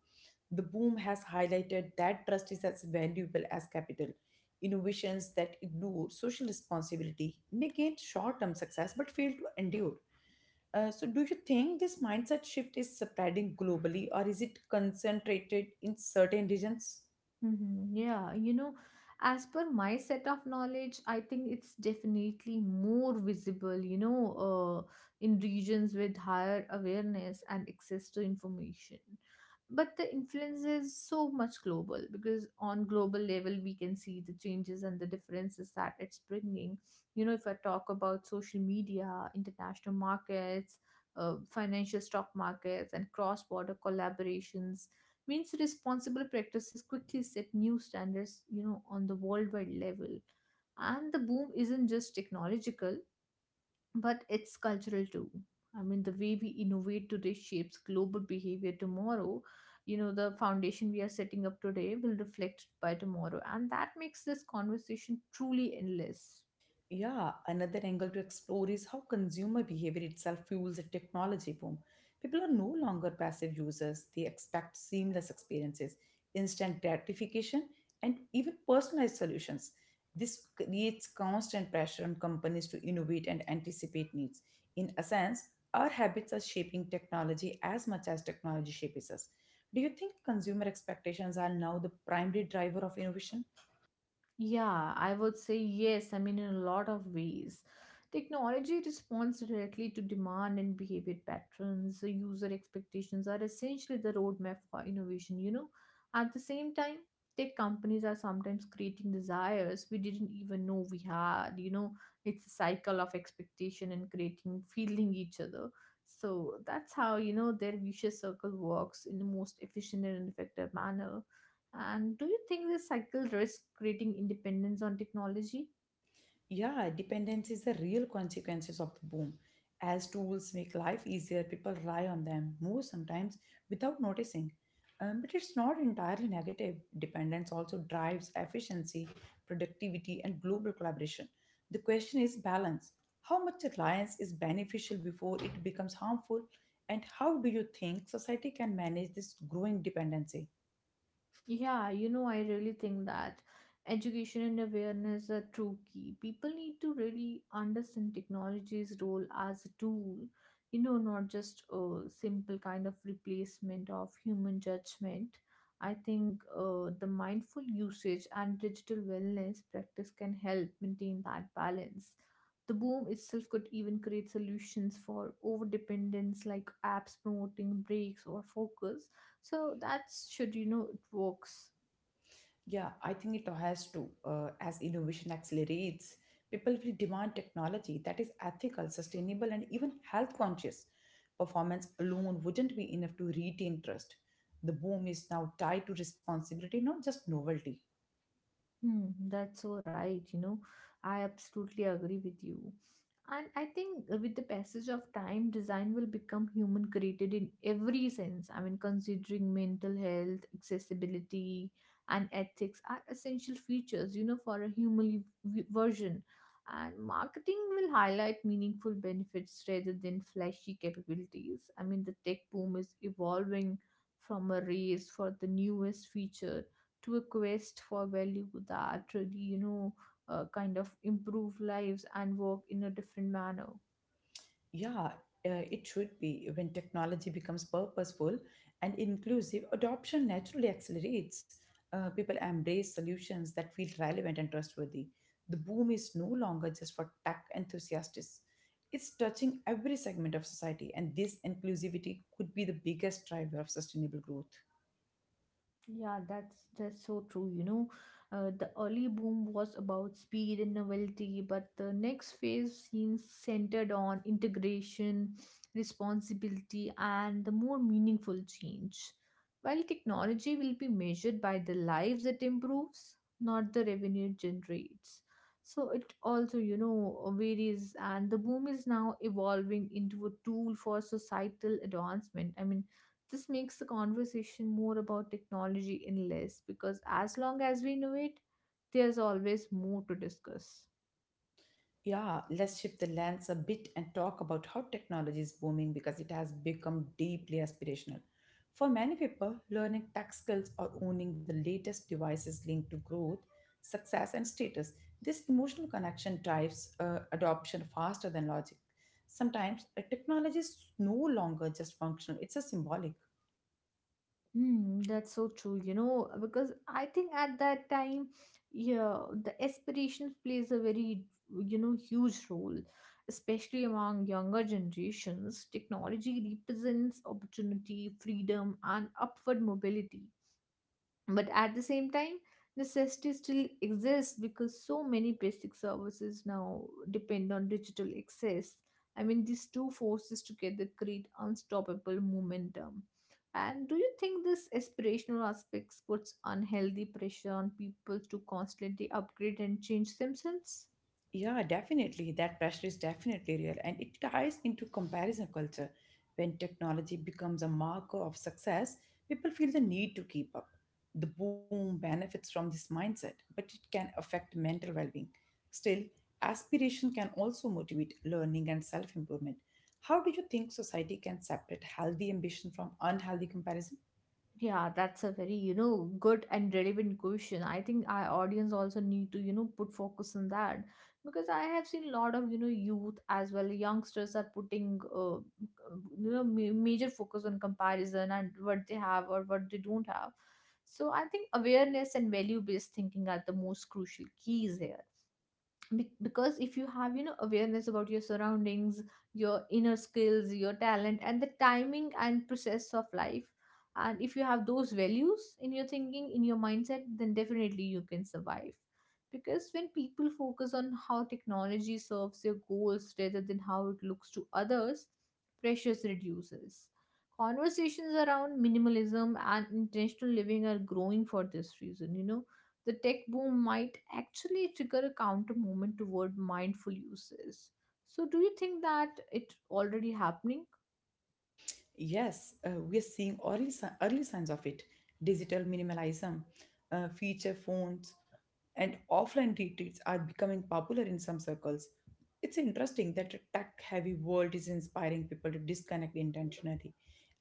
A: The boom has highlighted that trust is as valuable as capital. Innovations that ignore social responsibility may gain short term success but fail to endure. So, do you think this mindset shift is spreading globally or is it concentrated in certain regions?
B: Mm-hmm. Yeah, you know, as per my set of knowledge, I think it's definitely more visible, you know, uh, in regions with higher awareness and access to information. But the influence is so much global, because on global level we can see the changes and the differences that it's bringing. You know, if I talk about social media, international markets, financial stock markets, and cross-border collaborations means responsible practices quickly set new standards, you know, on the worldwide level. And the boom isn't just technological, but it's cultural too. I mean, the way we innovate today shapes global behavior tomorrow. You know, the foundation we are setting up today will reflect by tomorrow, and that makes this conversation truly endless.
A: Yeah, another angle to explore is how consumer behavior itself fuels a technology boom. People are no longer passive users, they expect seamless experiences, instant gratification, and even personalized solutions. This creates constant pressure on companies to innovate and anticipate needs. In a sense, our habits are shaping technology as much as technology shapes us. Do you think consumer expectations are now the primary driver of innovation?
B: Yeah, I would say yes. I mean, in a lot of ways. Technology responds directly to demand and behavior patterns. So user expectations are essentially the roadmap for innovation, you know. At the same time, tech companies are sometimes creating desires we didn't even know we had, you know. It's a cycle of expectation and creating, feeding each other. So that's how, you know, their vicious circle works in the most efficient and effective manner. And do you think this cycle risks creating independence on technology?
A: Yeah, dependence is the real consequences of the boom. As tools make life easier, people rely on them more sometimes without noticing. But it's not entirely negative. Dependence also drives efficiency, productivity, and global collaboration. The question is balance. How much reliance is beneficial before it becomes harmful? And how do you think society can manage this growing dependency?
B: Yeah, you know, I really think that education and awareness are true key. People need to really understand technology's role as a tool, you know, not just a simple kind of replacement of human judgment. I think the mindful usage and digital wellness practice can help maintain that balance. The boom itself could even create solutions for overdependence, like apps promoting breaks or focus, so that should, you know, it works.
A: Yeah, I think it has to. As innovation accelerates, people will demand technology that is ethical, sustainable, and even health conscious. Performance alone wouldn't be enough to retain trust. The boom is now tied to responsibility, not just novelty.
B: Hmm, that's so right. You know, I absolutely agree with you. And I think with the passage of time, design will become human created in every sense. I mean, considering mental health, accessibility, and ethics are essential features, you know, for a human version. And marketing will highlight meaningful benefits rather than flashy capabilities. I mean, the tech boom is evolving from a race for the newest feature to a quest for value that really, you know, kind of improve lives and work in a different manner.
A: Yeah, it should be. When technology becomes purposeful and inclusive, adoption naturally accelerates. People embrace solutions that feel relevant and trustworthy. The boom is no longer just for tech enthusiasts, it's touching every segment of society, and this inclusivity could be the biggest driver of sustainable growth.
B: Yeah, that's so true. You know, the early boom was about speed and novelty, but the next phase seems centered on integration, responsibility, and the more meaningful change. While technology will be measured by the lives it improves, not the revenue it generates. So it also, you know, varies, and the boom is now evolving into a tool for societal advancement. I mean, this makes the conversation more about technology and less, because as long as we know it, there's always more to discuss.
A: Yeah, let's shift the lens a bit and talk about how technology is booming because it has become deeply aspirational. For many people, learning tech skills or owning the latest device is linked to growth, success, and status. This emotional connection drives adoption faster than logic. Sometimes a technology is no longer just functional, it's a symbolic.
B: Hmm, that's so true, you know, because I think at that time, yeah, the aspirations plays a very, you know, huge role, especially among younger generations. Technology represents opportunity, freedom, and upward mobility, but at the same time necessity still exists, because so many basic services now depend on digital access. I mean, these two forces together create unstoppable momentum. And do you think this aspirational aspects puts unhealthy pressure on people to constantly upgrade and change themselves?
A: Yeah, definitely. That pressure is definitely real and it ties into comparison culture. When technology becomes a marker of success, people feel the need to keep up. The boom benefits from this mindset, but it can affect mental well being. Still, aspiration can also motivate learning and self improvement. How do you think society can separate healthy ambition from unhealthy comparison?
B: Yeah, that's a very, you know, good and relevant question. I think our audience also need to, you know, put focus on that, because I have seen a lot of, you know, youth as well. Youngsters are putting, you know, major focus on comparison and what they have or what they don't have. So I think awareness and value-based thinking are the most crucial keys here. Because if you have, you know, awareness about your surroundings, your inner skills, your talent, and the timing and process of life, and if you have those values in your thinking, in your mindset, then definitely you can survive. Because when people focus on how technology serves their goals rather than how it looks to others, pressures reduces. Conversations around minimalism and intentional living are growing for this reason. You know, the tech boom might actually trigger a counter movement toward mindful uses. So, do you think that it's already happening?
A: Yes, we are seeing early signs of it. Digital minimalism, feature phones, and offline retreats are becoming popular in some circles. It's interesting that a tech heavy world is inspiring people to disconnect intentionally.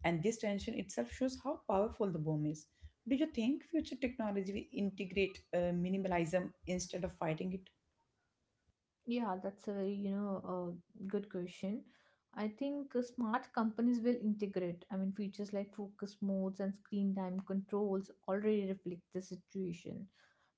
A: And this tension itself shows how powerful the bomb is. Do you think future technology will integrate minimalism instead of fighting it?
B: Yeah, that's a very, you know, good question. I think smart companies will integrate. I mean, features like focus modes and screen time controls already reflect the situation.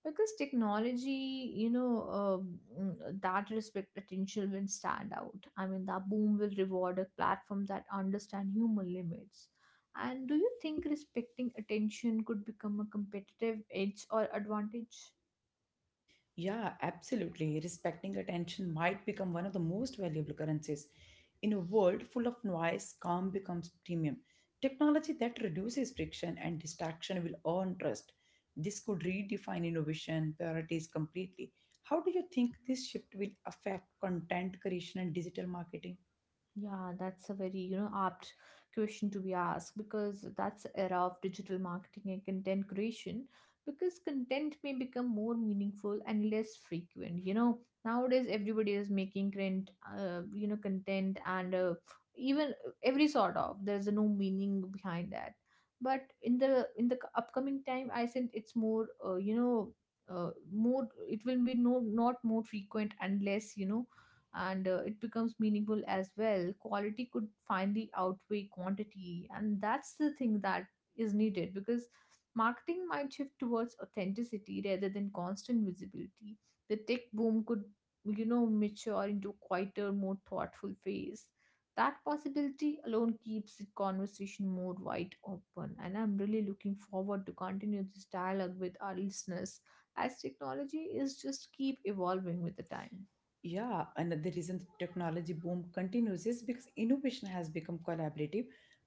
B: Because technology, you know, that respect attention will stand out. I mean, that boom will reward a platform that understand human limits. And do you think respecting attention could become a competitive edge or advantage?
A: Yeah, absolutely. Respecting attention might become one of the most valuable currencies. In a world full of noise, calm becomes premium. Technology that reduces friction and distraction will earn trust. This could redefine innovation priorities completely. How do you think this shift will affect content creation and digital marketing?
B: Yeah, that's a very, you know, apt question to be asked because that's the era of digital marketing and content creation because content may become more meaningful and less frequent. You know, nowadays everybody is making print, you know, content and even every sort of there's no meaning behind that. But in the upcoming time, I think it's more, you know, more it will be no not more frequent unless you know and it becomes meaningful as well. Quality could finally outweigh quantity, and that's the thing that is needed because marketing might shift towards authenticity rather than constant visibility. The tech boom could, you know, mature into quieter, more thoughtful phase. That possibility alone keeps the conversation more wide open, and I'm really looking forward to continue this dialogue with our listeners as technology is just keep evolving with the time.
A: Yeah, and the reason the technology boom continues is because innovation has become collaborative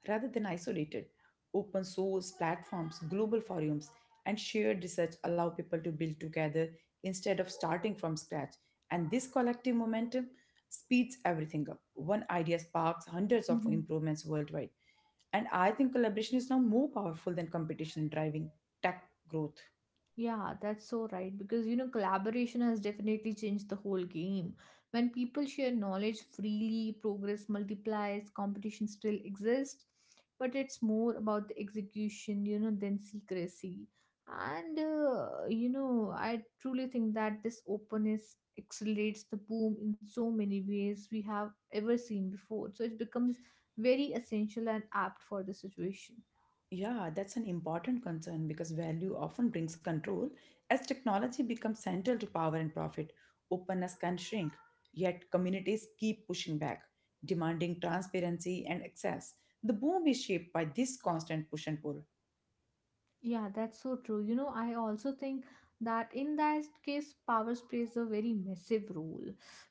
A: rather than isolated. Open source platforms, global forums, and shared research allow people to build together instead of starting from scratch. And this collective momentum speeds everything up. One idea sparks hundreds of
B: Mhm.
A: improvements worldwide. And I think collaboration is now more powerful than competition in driving tech growth.
B: Yeah, that's so right because you know collaboration has definitely changed the whole game. When people share knowledge freely, progress multiplies, competition still exists, but it's more about the execution, you know, than secrecy. And you know, I truly think that this openness accelerates the boom in so many ways we have ever seen before. So it becomes very essential and apt for the situation.
A: Yeah, that's an important concern because value often brings control. As technology becomes central to power and profit, openness can shrink, yet communities keep pushing back, demanding transparency and access. The boom is shaped by this constant push and pull.
B: Yeah, that's so true. You know, I also think that in that case, power plays a very massive role.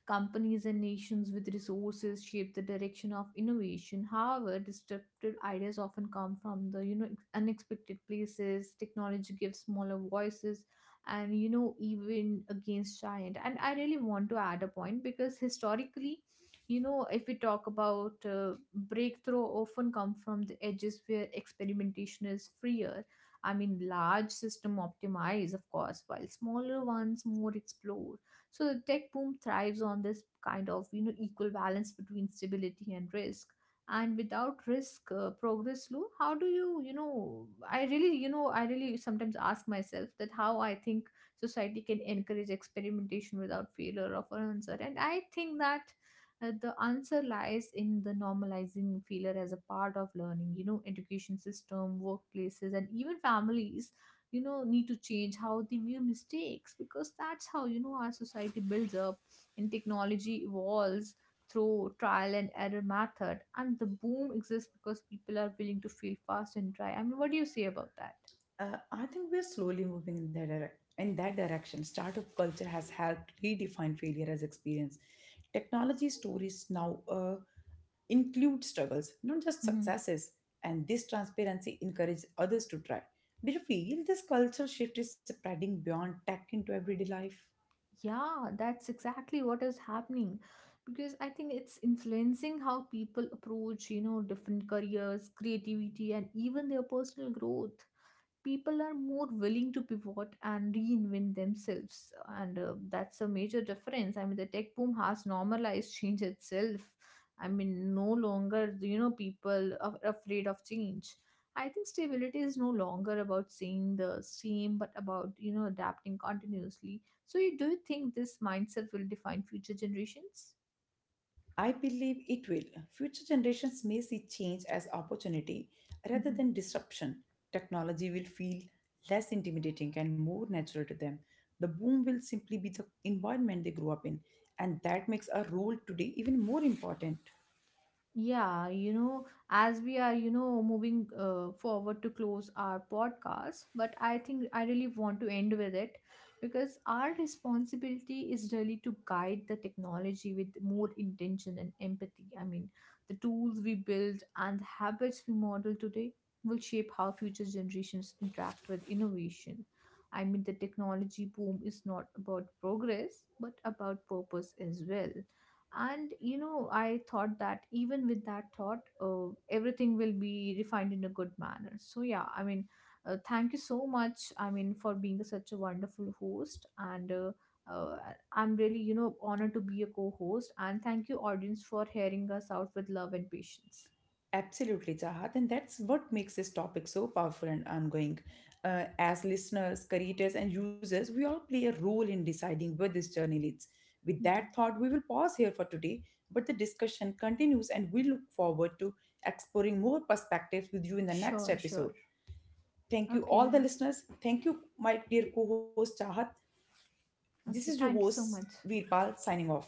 B: Companies and nations with resources shape the direction of innovation. However, disruptive ideas often come from the you know unexpected places. Technology gives smaller voices, and you know even against giant. And I really want to add a point because historically, you know, if we talk about breakthrough, often come from the edges where experimentation is freer. I mean, large system optimize, of course, while smaller ones more explore. So the tech boom thrives on this kind of you know equal balance between stability and risk. And without risk, progress slow. How do you know? I really you know I really sometimes ask myself that how I think society can encourage experimentation without failure of an answer. And I think that the answer lies in the normalizing failure as a part of learning. You know, education system, workplaces, and even families, you know, need to change how they view mistakes because that's how, you know, our society builds up and technology evolves through trial and error method. And the boom exists because people are willing to fail fast and try. I mean, what do you say about that?
A: I think we're slowly moving in that in that direction. Startup culture has helped redefine failure as experience. Technology stories now include struggles, not just successes, and this transparency encourages others to try. Do you feel this cultural shift is spreading beyond tech into everyday life?
B: Yeah, that's exactly what is happening because I think it's influencing how people approach, you know, different careers, creativity, and even their personal growth. People are more willing to pivot and reinvent themselves, and that's a major difference. I mean, the tech boom has normalized change itself. I mean no longer you know people are afraid of change. I think stability is no longer about saying the same but about you know adapting continuously. So you do you think this mindset will define future generations?
A: I believe it will. Future generations may see change as opportunity rather than disruption. Technology will feel less intimidating and more natural to them. The boom will simply be the environment they grew up in, and that makes our role today even more important.
B: Yeah, you know, as we are, you know, moving forward to close our podcast, but I think I really want to end with it because our responsibility is really to guide the technology with more intention and empathy. I mean, the tools we build and the habits we model today will shape how future generations interact with innovation. I mean, the technology boom is not about progress, but about purpose as well. And you know I thought that even with that thought everything will be refined in a good manner. So yeah, I mean, thank you so much. I mean for being such a wonderful host and uh, I'm really you know honored to be a co-host, and thank you audience for hearing us out with love and patience.
A: Absolutely, Chahat, and that's what makes this topic so powerful and ongoing. As listeners, creators, and users, we all play a role in deciding where this journey leads. With
B: Mhm.
A: that thought, we will pause here for today, but the discussion continues, and we look forward to exploring more perspectives with you in the next
B: Sure, sure.
A: episode. Thank you,
B: Okay.
A: all the listeners. Thank you, my dear co host Chahat. This is your
B: Okay, thank you
A: host,
B: so much.
A: Veerpal, signing off.